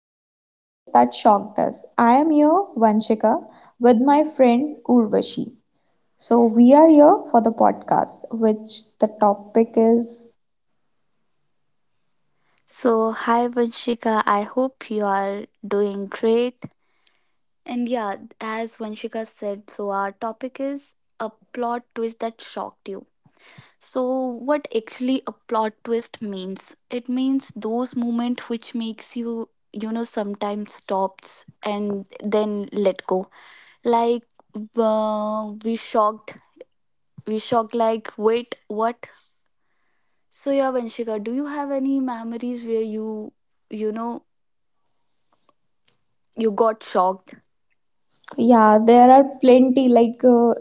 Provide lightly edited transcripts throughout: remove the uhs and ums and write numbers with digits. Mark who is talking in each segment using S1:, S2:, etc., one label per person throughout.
S1: plot twist that shocked us. I am here, Vanshika, with my friend Urvashi. So, we are here for the podcast, which the topic is
S2: So, hi Vanshika, I hope you are doing great. And yeah, as Vanshika said, so our topic is a plot twist that shocked you. So, what actually a plot twist means? It means those moments which makes you, you know, sometimes stops and then let go. Like, uh, we shocked, we shocked, like, wait, what? So, yeah, Vanshika, do you have any memories where you know, you got shocked?
S1: yeah, there are plenty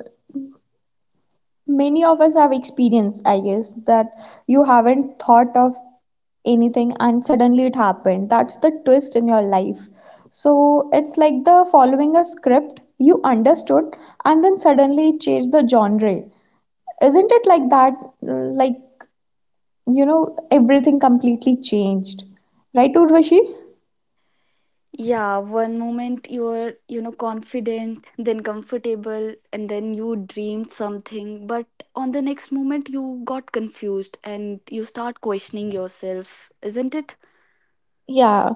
S1: many of us have experienced, I guess, that you haven't thought of anything and suddenly it happened. That's the twist in your life. So it's like the following a script you understood and then suddenly it changed the genre. Isn't it like that? Like, you know, everything completely changed. Right, Urvashi?
S2: Yeah, one moment you were, you know, confident, then comfortable, and then you dreamed something, but on the next moment you got confused and you start questioning yourself, isn't it?
S1: Yeah,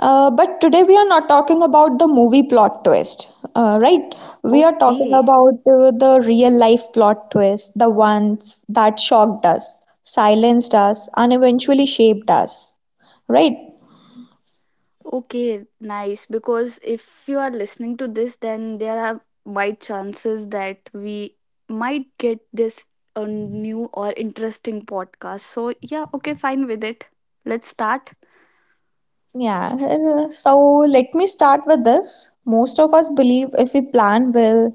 S1: but today we are not talking about the movie plot twist, right? We are talking
S2: Okay,
S1: about the real life plot twist, the ones that shocked us, silenced us, and eventually shaped us, right?
S2: okay, nice. Because if you are listening to this, then there are wide chances that we might get this a new or interesting podcast. So, yeah, okay, fine with it. Let's start.
S1: Yeah, so let me start with this. Most of us believe if we plan well,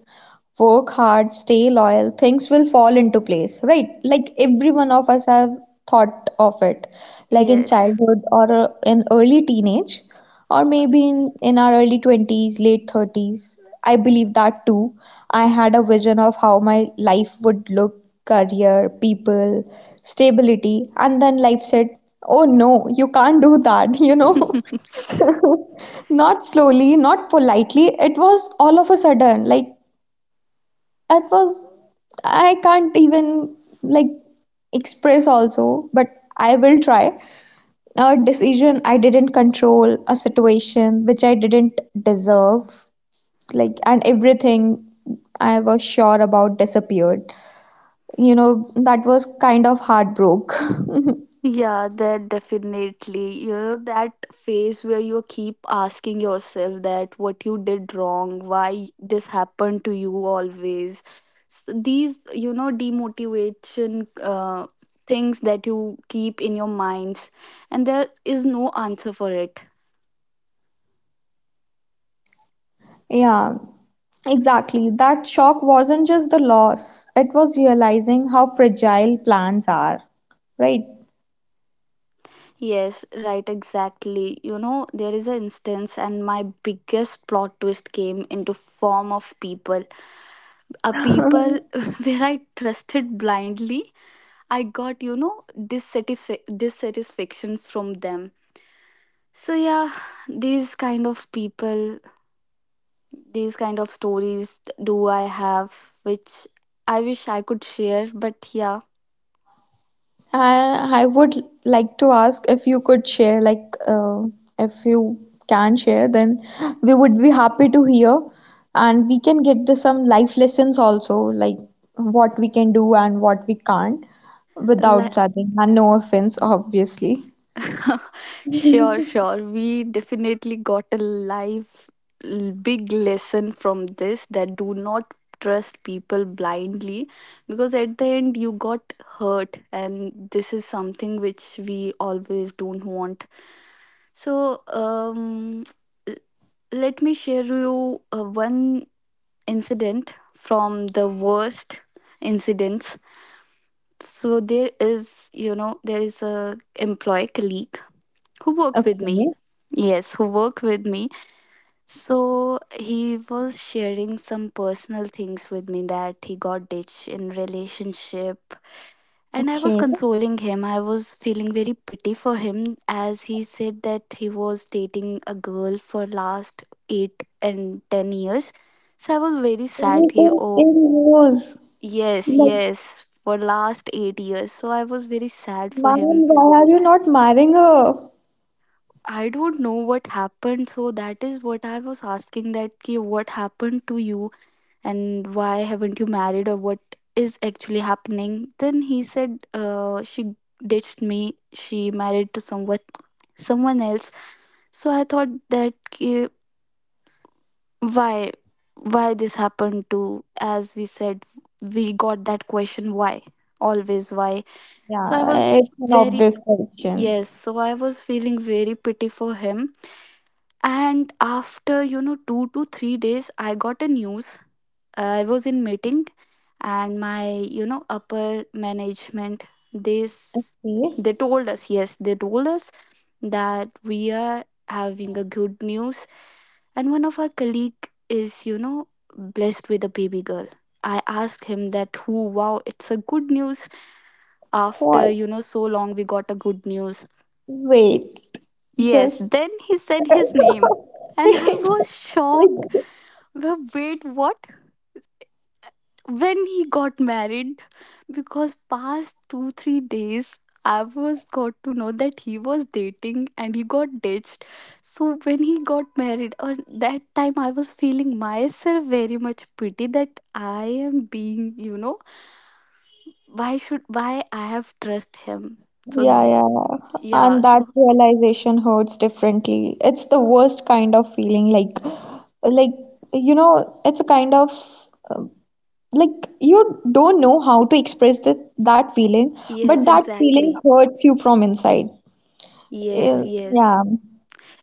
S1: work hard, stay loyal, things will fall into place, right? Like every one of us have thought of it, like in
S2: Yes.
S1: childhood or in early teenage or maybe in our early 20s, late 30s. I believe that too. I had a vision of how my life would look career, people, stability, and then life said, "Oh no, you can't do that," you know? Not slowly, not politely. It was all of a sudden. Like, it was, I can't even, like, express also, but I will try. A decision I didn't control, a situation which I didn't deserve, like and everything I was sure about disappeared. You know, that was kind of heartbroken.
S2: Yeah, that definitely. You know, that phase where you keep asking yourself that what you did wrong, why this happened to you always. S These, you know, demotivation things that you keep in your minds, and there is no answer for it.
S1: Yeah, exactly. That shock wasn't just the loss, it was realizing how fragile plans are, right?
S2: Yes, right, exactly. You know, there is an instance, and my biggest plot twist came into form of people. A people where I trusted blindly. I got, you know, dissatisfaction from them. So yeah, these kind of people, these kind of stories do I have, which I wish I could share. But yeah,
S1: I would like to ask if you could share, like, if you can share, then we would be happy to hear, and we can get the some life lessons also, like what we can do and what we can't, without
S2: like.
S1: judging. And no offense, obviously.
S2: Sure, sure, we definitely got a life big lesson from this that do not trust people blindly, because at the end you got hurt and this is something which we always don't want. So, l- let me share you one incident from the worst incidents. So there is, you know, there is a employee colleague who worked with me.
S1: Okay,
S2: Yes, who worked with me. So he was sharing some personal things with me that he got ditched in relationship and I was
S1: okay.
S2: consoling him. I was feeling very pity for him as he said that he was dating a girl for last 8 and 10 years. So I was very sad. He,
S1: Even in
S2: oh,
S1: news,
S2: yes,
S1: like,
S2: yes, for last 8 years. So I was very sad for
S1: man,
S2: him.
S1: why are you not marrying her?
S2: I don't know what happened. So that is what I was asking that ki, what happened to you and why haven't you married or what is actually happening. Then he said she ditched me. She married to someone, someone else. So I thought that, why why this happened to, as we said, we got that question, why, always why. So I
S1: Yeah,
S2: was
S1: it's an
S2: very,
S1: obvious question.
S2: yes, so I was feeling very pity for him. And after, you know, 2 to 3 days I got a news. I was in meeting and my, you know, upper management this,
S1: Okay.
S2: they told us, yes, they told us that we are having a good news and one of our colleague is, you know, blessed with a baby girl. I asked him that who, wow, it's a good news after,
S1: What?
S2: you know, so long we got a good news.
S1: Wait.
S2: Yes,
S1: Just
S2: then he said his name and I was shocked. Well, wait, what? When he got married? Because past 2 3 days I was got to know that he was dating and he got ditched. So when he got married, on that time I was feeling myself very much pity that I am being, you know, why should, why I have trust him.
S1: yeah,
S2: So
S1: yeah.
S2: yeah,
S1: And that
S2: so
S1: realization hurts differently. It's the worst kind of feeling, like you know, it's a kind of uh, like you don't know how to express that feeling, but
S2: yes,
S1: that feeling
S2: exactly.
S1: hurts you from inside.
S2: Yes,
S1: Eh,
S2: yes.
S1: yeah,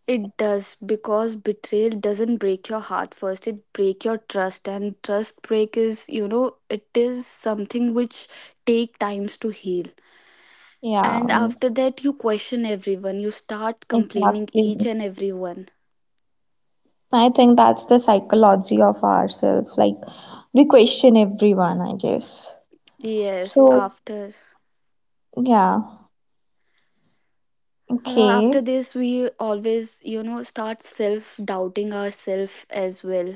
S2: It does because betrayal doesn't break your heart first. It break your trust, and trust break is, you know, it is something which take times to heal.
S1: yeah,
S2: And after that, you question everyone. You start complaining
S1: exactly.
S2: each and everyone.
S1: I think that's the psychology of ourselves. Like, we question everyone, I guess.
S2: Yes,
S1: So,
S2: after
S1: yeah, okay.
S2: after this, we always, you know, start self doubting ourselves as well.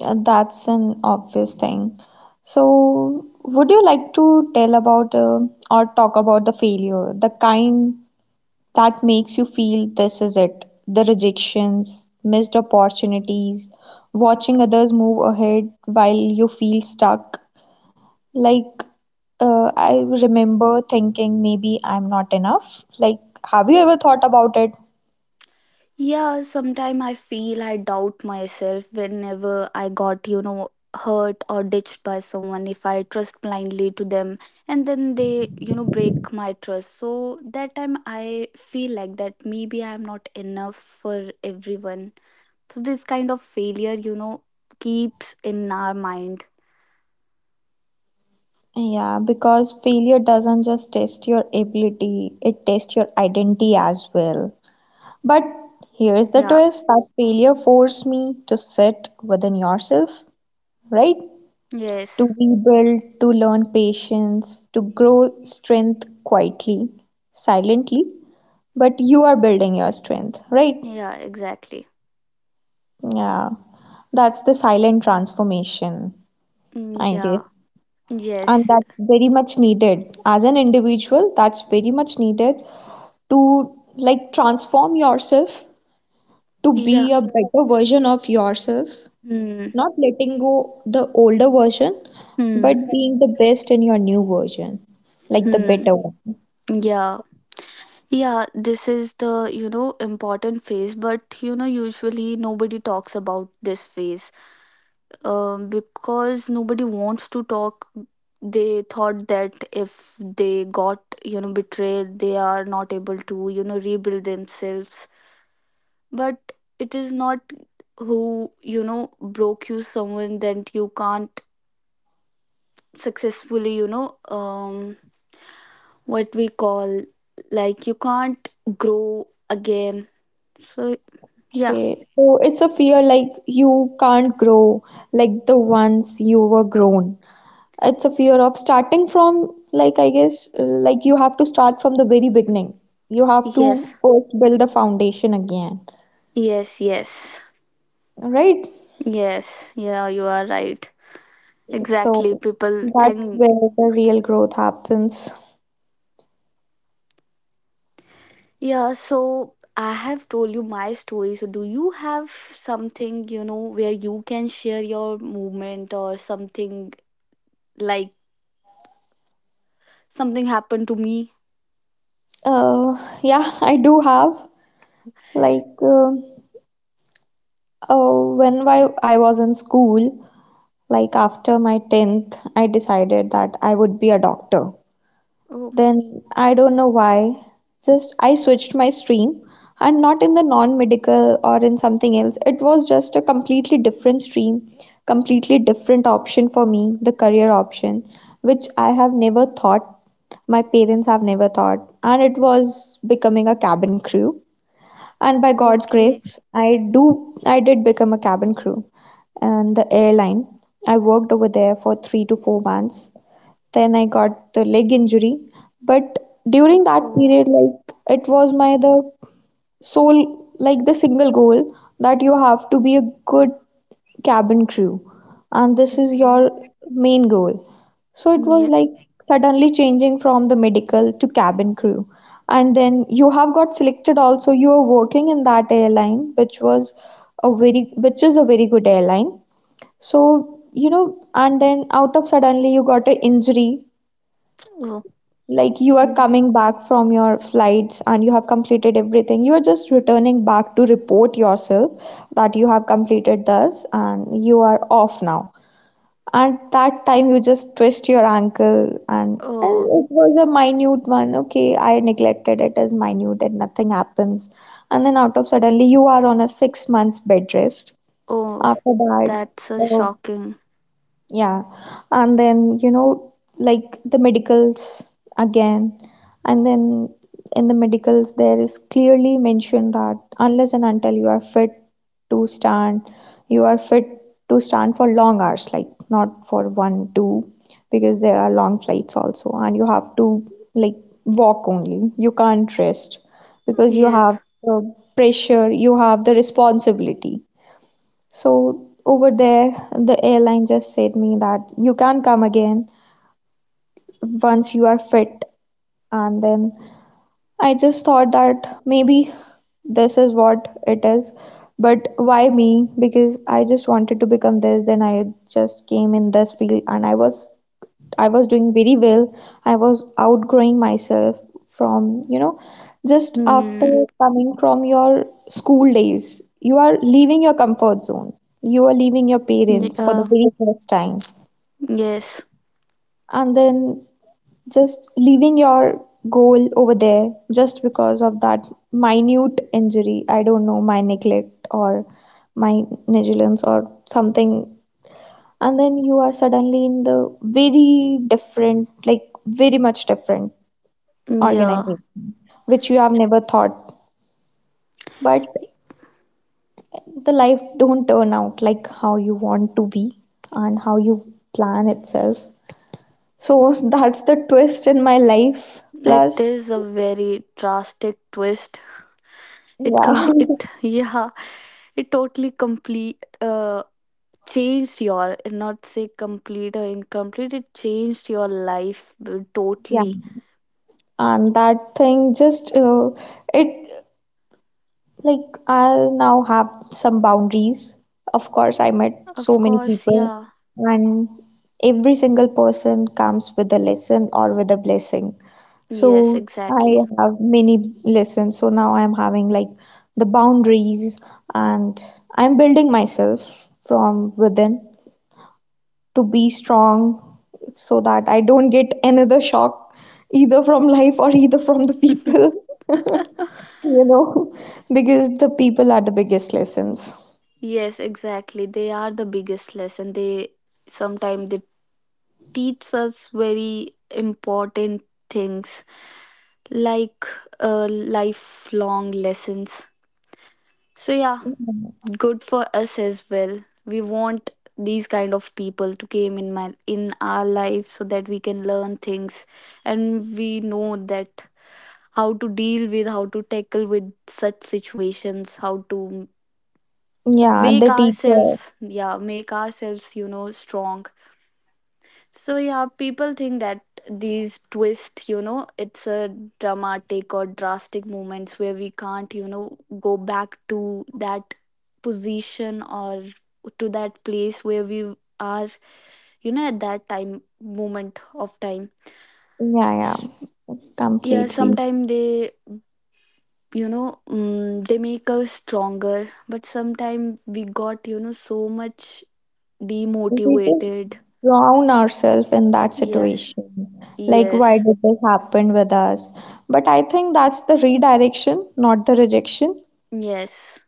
S1: Yeah, that's an obvious thing. So, would you like to tell about or talk about the failure, the kind that makes you feel this is it, the rejections, missed opportunities, watching others move ahead while you feel stuck? Like, I remember thinking maybe I'm not enough. Like, have you ever thought about it?
S2: Yeah, sometimes I feel I doubt myself whenever I got, you know, hurt or ditched by someone if I trust blindly to them and then they, you know, break my trust. So that time I feel like that maybe I'm not enough for everyone. So this kind of failure, you know, keeps in our mind.
S1: Yeah, because failure doesn't just test your ability, it tests your identity as well. But here's the
S2: Yeah.
S1: twist that failure forced me to sit within yourself, right? To
S2: Yes.
S1: rebuild, to learn patience, to grow strength quietly, silently. But you are building your strength, right?
S2: Yeah, exactly.
S1: Yeah, that's the silent transformation,
S2: Mm,
S1: I
S2: yeah.
S1: guess. And
S2: Yes.
S1: that's very much needed. As an individual, that's very much needed to like transform yourself to
S2: Yeah.
S1: be a better version of yourself,
S2: Hmm.
S1: not letting go the older version,
S2: Hmm.
S1: but being the best in your new version, like the
S2: Hmm.
S1: better one.
S2: Yeah. Yeah, this is the, you know, important phase, but you know, usually nobody talks about this phase. Because nobody wants to talk. They thought that if they got, you know, betrayed, they are not able to, you know, rebuild themselves. But it is not who, you know, broke you someone that you can't successfully, you know, what we call, like, you can't grow again. So, yeah.
S1: Okay, so it's a fear like you can't grow like the ones you were grown. It's a fear of starting from, like, I guess, like you have to start from the very beginning. You have to
S2: Yes,
S1: first build the foundation again,
S2: yes, yes,
S1: right?
S2: yes. Yeah, you are right.
S1: So
S2: Exactly. People
S1: that's
S2: think,
S1: where the real growth happens.
S2: yeah, so I have told you my story. So, do you have something, you know, where you can share your movement or something like something happened to me?
S1: Uh, yeah, I do have like. um Oh, when I was in school, like after my 10th, I decided that I would be a doctor.
S2: Oh,
S1: Then I don't know why, just I switched my stream and not in the non-medical or in something else. It was just a completely different stream, completely different option for me, the career option, which I have never thought, my parents have never thought, and it was becoming a cabin crew. And by God's
S2: okay.
S1: grace, I did become a cabin crew and the airline. I worked over there for 3 to 4 months. Then I got the leg injury. But
S2: Oh,
S1: during that
S2: oh.
S1: period, like it was my the so like the single goal that you have to be a good cabin crew and this is
S2: Mm,
S1: your main goal, so it was
S2: yeah.
S1: like suddenly changing from the medical to cabin crew, and then you have got selected also, you are working in that airline which was a very which is a very good airline, so you know, and then out of suddenly you got an injury,
S2: Oh,
S1: like you are
S2: mm.
S1: coming back from your flights and you have completed everything, you are just returning back to report yourself that you have completed this and you are off now, and that time you just twist your ankle and
S2: Oh,
S1: it was a minute one. Okay, I neglected it as minute and nothing happens, and then out of suddenly you are on a 6 months bed rest
S2: oh,
S1: after that.
S2: that's
S1: uh,
S2: shocking.
S1: yeah, and then you know, like the medicals again, and then in the medicals, there is clearly mentioned that unless and until you are fit to stand, you are fit to stand for long hours, like not for one, two, because there are long flights also, and you have to like walk only, you can't rest because you have
S2: Yes.
S1: the pressure, you have the responsibility. So over there, the airline just said me that you can come again once you are fit. And then I just thought that maybe this is what it is. But why me? Because I just wanted to become this, then I just came in this field and I was doing very well. I was outgrowing myself from, you know, just
S2: Hmm.
S1: after coming from your school days. You are leaving your comfort zone. You are leaving your parents for the
S2: Yeah.
S1: very first time.
S2: Yes.
S1: And then just leaving your goal over there just because of that minute injury. I don't know, my neglect or my negligence or something, and then you are suddenly in the very different, like very much different
S2: Yeah.
S1: organization which you have never thought, but the life don't turn out like how you want to be and how you plan itself. So that's the twist in my life
S2: It
S1: plus
S2: is a very drastic twist.
S1: yeah.
S2: It, yeah, it totally complete changed your, not say complete or incomplete. It changed your life
S1: Yeah,
S2: totally.
S1: and that thing just it. Like, I now have some boundaries. Of course, I met so
S2: Of
S1: many
S2: course,
S1: people,
S2: yeah.
S1: and every single person comes with a lesson or with a blessing.
S2: Yes,
S1: So, I
S2: exactly.
S1: have many lessons. So, now I'm having like the boundaries, and I'm building myself from within to be strong so that I don't get another shock either from life or either from the people. You know, because the people are the biggest lessons.
S2: Yes, exactly. They are the biggest lesson. They, sometimes they teach us very important things like lifelong lessons. So yeah, good for us as well. We want these kind of people to came in my, in our life so that we can learn things and we know that how to deal with, how to tackle with such situations, how to
S1: Yeah,
S2: make
S1: the teacher.
S2: ourselves, yeah, make ourselves, you know, strong. So yeah, people think that these twists, you know, it's a dramatic or drastic moments where we can't, you know, go back to that position or to that place where we are, you know, at that time, moment of time.
S1: Yeah, yeah,
S2: S- Yeah,
S1: completely.
S2: sometimes they, you know, mm, they make us stronger, but sometimes we got, you know, so much
S1: We just
S2: demotivated.
S1: drown ourselves in that
S2: Yes,
S1: situation. Like, why
S2: yes,
S1: did this happen with us? But I think that's the redirection, not the rejection.
S2: yes.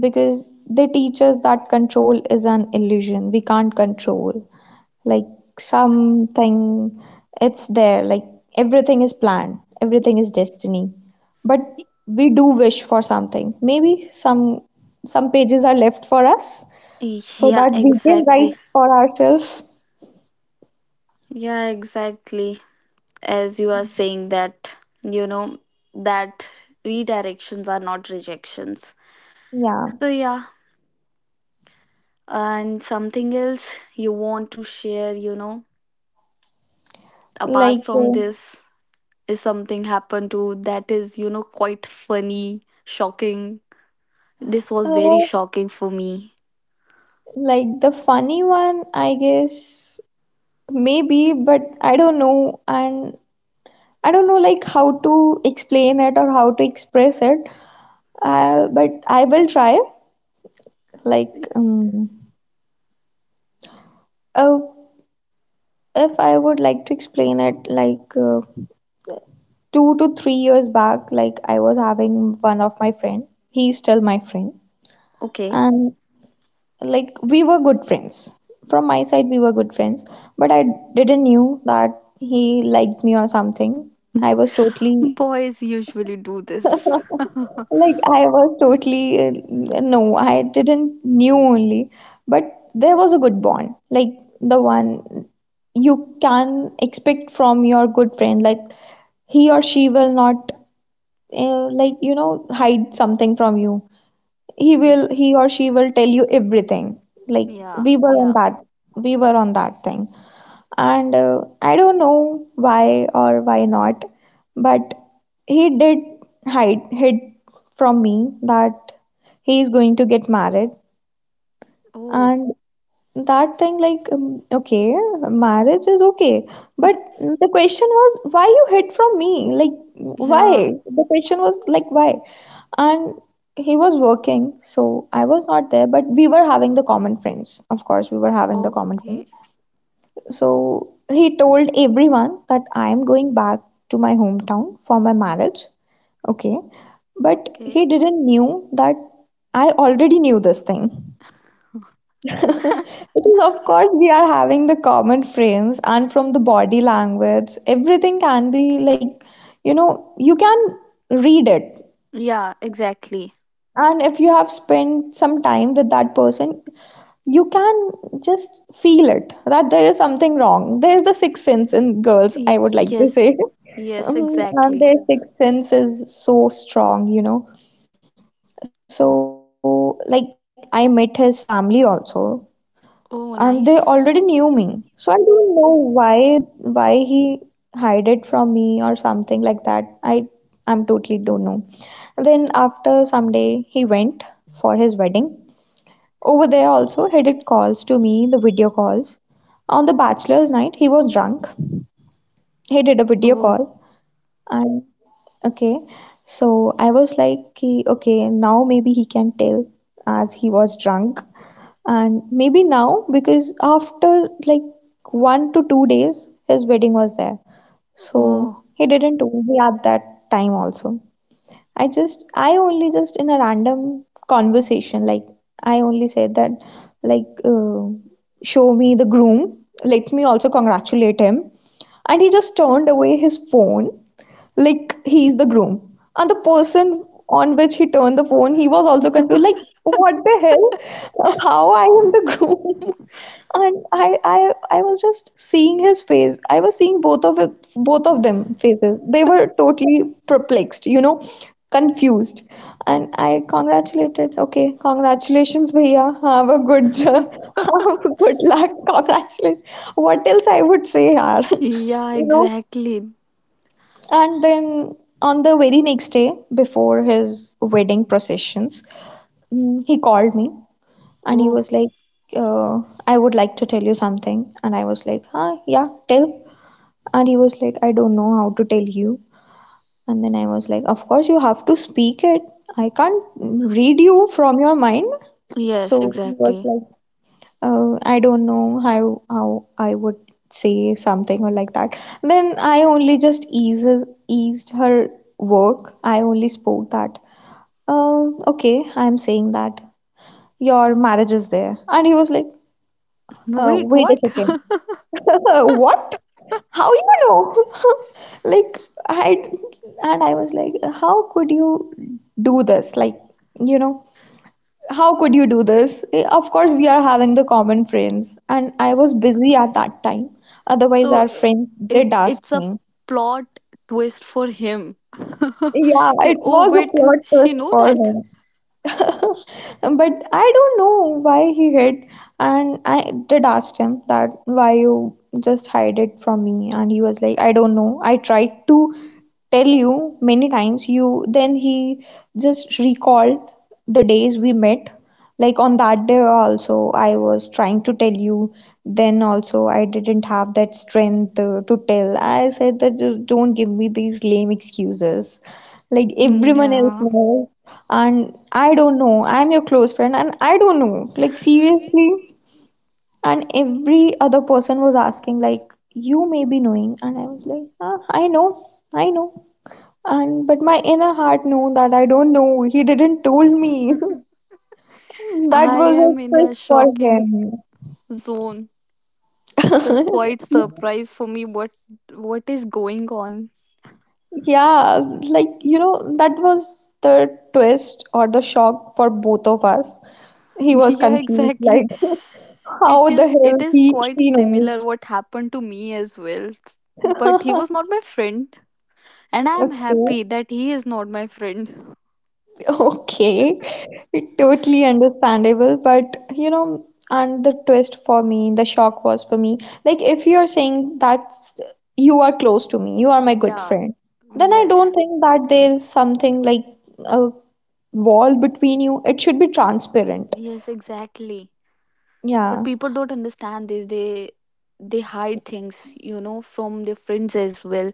S1: Because they teach us that control is an illusion, we can't control like something. It's there, like everything is planned, everything is destiny, but we do wish for something. Maybe some pages are left for us so
S2: Yeah,
S1: that we can
S2: exactly.
S1: write for ourselves.
S2: Yeah, exactly. As you are saying that, you know, that redirections are not rejections.
S1: Yeah,
S2: So, yeah, and something else you want to share, you know, apart
S1: like
S2: from
S1: uh,
S2: this, is something happened to that is, you know, quite funny, shocking. This was very
S1: uh,
S2: shocking for me.
S1: like the funny one I guess, maybe, but I don't know. And I don't know like how to explain it or how to express it, but I will try. Like, uh, if I would like to explain it, like 2 to 3 years back, like I was having one of my friend. He's still my friend,
S2: Okay.
S1: and like we were good friends. From my side, we were good friends, but I didn't knew that he liked me or something. I was totally
S2: Boys usually do this.
S1: like I was totally no, I didn't knew only, but there was a good bond, like the one you can expect from your good friend. Like he or she will not like you know hide something from you. He
S2: Mm,
S1: will he or she will tell you everything. Like
S2: yeah,
S1: we were on
S2: yeah.
S1: that we were on that thing and I don't know why or why not, but he did hide hid from me that he is going to get married,
S2: Oh,
S1: and that thing like okay, marriage is okay, but the question was why you hid from me, like
S2: yeah.
S1: why? The question was like why, and he was working, so I was not there, but we were having the common friends. Of course, we were having the common
S2: Okay,
S1: friends, so he told everyone that I am going back to my hometown for my marriage. Okay. But
S2: okay.
S1: he didn't knew that I already knew this thing. Because of course we are having the common friends and from the body language, everything can be like, you know, you can read it.
S2: Yeah, exactly.
S1: And if you have spent some time with that person, you can just feel it that there is something wrong. There's the sixth sense in girls, I would like to say.
S2: Yes, yes,
S1: And
S2: exactly.
S1: their sixth sense is so strong. So, like, I met his family also, and
S2: Oh,
S1: they already
S2: nice.
S1: knew me. So I don't know why he hid it from me or something like that. I'm totally don't know. Then after some day, he went for his wedding. Over there also he did calls to me, the video calls. On the bachelor's night, he was drunk. He did a video
S2: Oh,
S1: call, and okay. So I was like, Okay, now maybe he can tell as he was drunk. And maybe now because after like 1 to 2 days, his wedding was there. So
S2: oh.
S1: he didn't told me at that time also. I only just in a random conversation, like, I only said that, like, show me the groom, let me also congratulate him. And he just turned away his phone like he's the groom. And the person on which he turned the phone, he was also confused, like, what the hell? How I am the groom? And I was just seeing his face. I was seeing both of them faces. They were totally perplexed, confused. And I congratulated. Okay, congratulations, bhaiya. Have a good job. Have a good luck. Congratulations. What else I would say, yaar?
S2: Yeah,
S1: You know.
S2: exactly.
S1: And then on the very next day, before his wedding processions, he called me and he
S2: Oh,
S1: was like, uh, I would like to tell you something. And I was like, huh, yeah, tell. And he was like, I don't know how to tell you. And then I was like, of course, you have to speak it. I can't read you from your mind.
S2: yes,
S1: So he was
S2: exactly.
S1: like, I don't know how I would say something or like that. Then I only just eases eased her work. I only spoke that. Uh, okay, I'm saying that your marriage is there, and he was like,
S2: Wait,
S1: wait a
S2: what?
S1: second, what? How you know? Like, I and I was like, how could you do this? Like, you know how could you do this? Of course, we are having the common friends, and I was busy at that time. Otherwise,
S2: so
S1: our
S2: i-
S1: friends
S2: it,
S1: did ask
S2: it's a
S1: me.
S2: plot twist for him.
S1: Yeah,
S2: Okay,
S1: it
S2: oh
S1: was a
S2: wait,
S1: plot
S2: she
S1: twist
S2: know
S1: for
S2: that.
S1: me. But I don't know why he hid, and I did ask him that why you just hide it from me. And he was like, I don't know, I tried to tell you many times. You then he just recalled the days we met. Like on that day also I was trying to tell you. Then also I didn't have that strength to tell. I said that just don't give me these lame excuses like
S2: Mm,
S1: everyone else
S2: yeah.
S1: knows. And I don't know. I'm your close friend, and I don't know. Like, seriously. And every other person was asking, like, you may be knowing. And I was like, ah, I know, I know. And but my inner heart knew that I don't know. He didn't told me. That
S2: I
S1: was a
S2: am in a
S1: twist for
S2: shocking zone. It's a
S1: him.
S2: quite surprise for me what is going on.
S1: Yeah, like, that was the twist or the shock for both of us. He was
S2: Yeah,
S1: confused,
S2: exactly,
S1: like,
S2: it
S1: how the
S2: is, it
S1: hell
S2: is
S1: he
S2: quite
S1: she knows.
S2: similar what happened to me as well. But he was not my friend and I am
S1: Okay.
S2: happy that he is not my friend.
S1: Okay. Totally understandable, but and the twist for me, the shock was for me, like if you are saying that you are close to me, you are my good
S2: Yeah,
S1: friend, then I
S2: yes,
S1: don't think that there is something like a wall between you. It should be transparent.
S2: yes, exactly. But
S1: Yeah.
S2: people don't understand this. They hide things, you know, from their friends as well,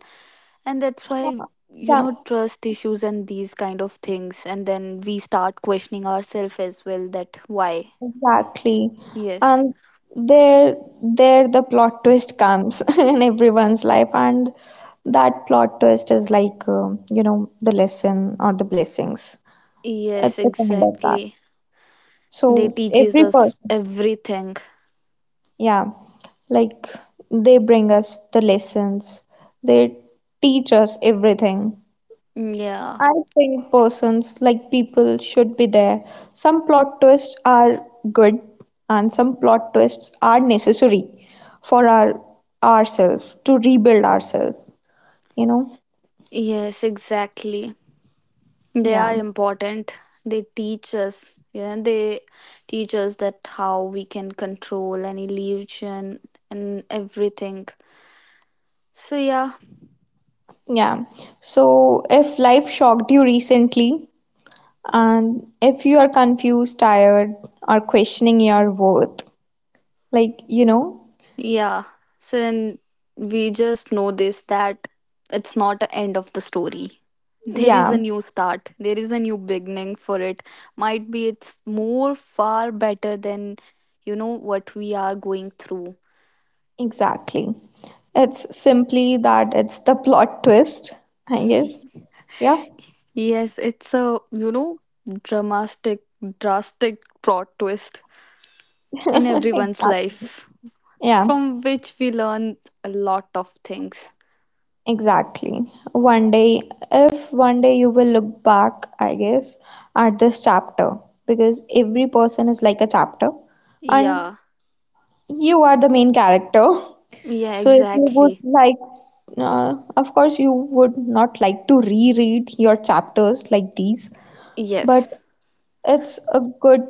S2: and that's why, you
S1: Yeah.
S2: know, trust issues and these kind of things, and then we start questioning ourselves as well, that why.
S1: Exactly.
S2: Yes,
S1: And there there the plot twist comes in everyone's life, and that plot twist is like the lesson or the blessings.
S2: yes,
S1: It's a kind of that.
S2: exactly. They
S1: So
S2: teaches
S1: every
S2: us
S1: person,
S2: everything.
S1: yeah, like they bring us the lessons. They teach us everything.
S2: Yeah.
S1: I think persons like people should be there. Some plot twists are good and some plot twists are necessary for ourselves to rebuild ourselves, you know?
S2: Yes, exactly. They are
S1: Yeah.
S2: important. They teach us, yeah, they teach us that how we can control an illusion and everything. So yeah,
S1: Yeah. So if life shocked you recently and if you are confused, tired or questioning your worth, like, you know?
S2: yeah. So then we just know this that it's not the end of the story. There is
S1: Yeah,
S2: a new start. There is a new beginning for it. Might be it's more far better than, you know, what we are going through.
S1: exactly. It's simply that it's the plot twist, I guess. Yeah.
S2: Yes, it's a, you know, dramatic, drastic plot twist in everyone's
S1: Exactly.
S2: life
S1: Yeah,
S2: from which we learn a lot of things.
S1: exactly. One day, if one day you will look back, I guess, at this chapter, because every person is like a chapter, and
S2: Yeah,
S1: you are the main character.
S2: yeah,
S1: So if you would
S2: exactly.
S1: like, of course, you would not like to reread your chapters like these, but
S2: Yes.
S1: it's a good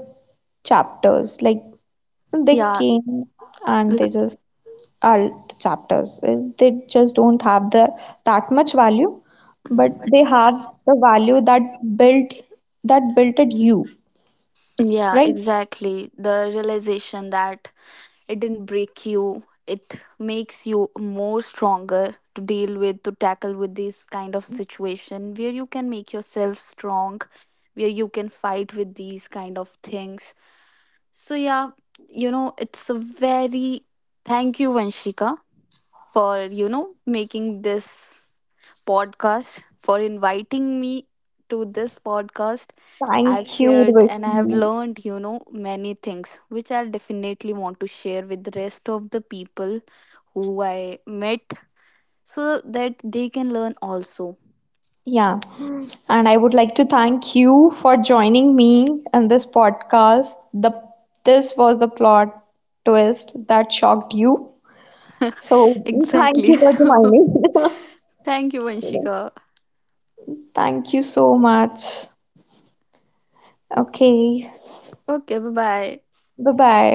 S1: chapters. Like they
S2: Yeah,
S1: came and they
S2: l-
S1: just all the chapters. They just don't have the that much value, but they have the value that built builted you,
S2: yeah,
S1: right?
S2: exactly. The realization that it didn't break you, it makes you more stronger to deal with, to tackle with this kind of situation where you can make yourself strong, where you can fight with these kind of things. So yeah, you know, it's a very, thank you Vanshika, for, you know, making this podcast, for inviting me to this podcast. I've
S1: Thank you,
S2: shared and I have
S1: Urvashi.
S2: learned, you know, many things which I'll definitely want to share with the rest of the people who I met so that they can learn also.
S1: Yeah, and I would like to thank you for joining me in this podcast. The this was the plot twist that shocked you. So thank
S2: Exactly.
S1: you for joining.
S2: Thank you, Vanshika.
S1: Thank you so much. Okay,
S2: Okay, bye-bye.
S1: bye bye.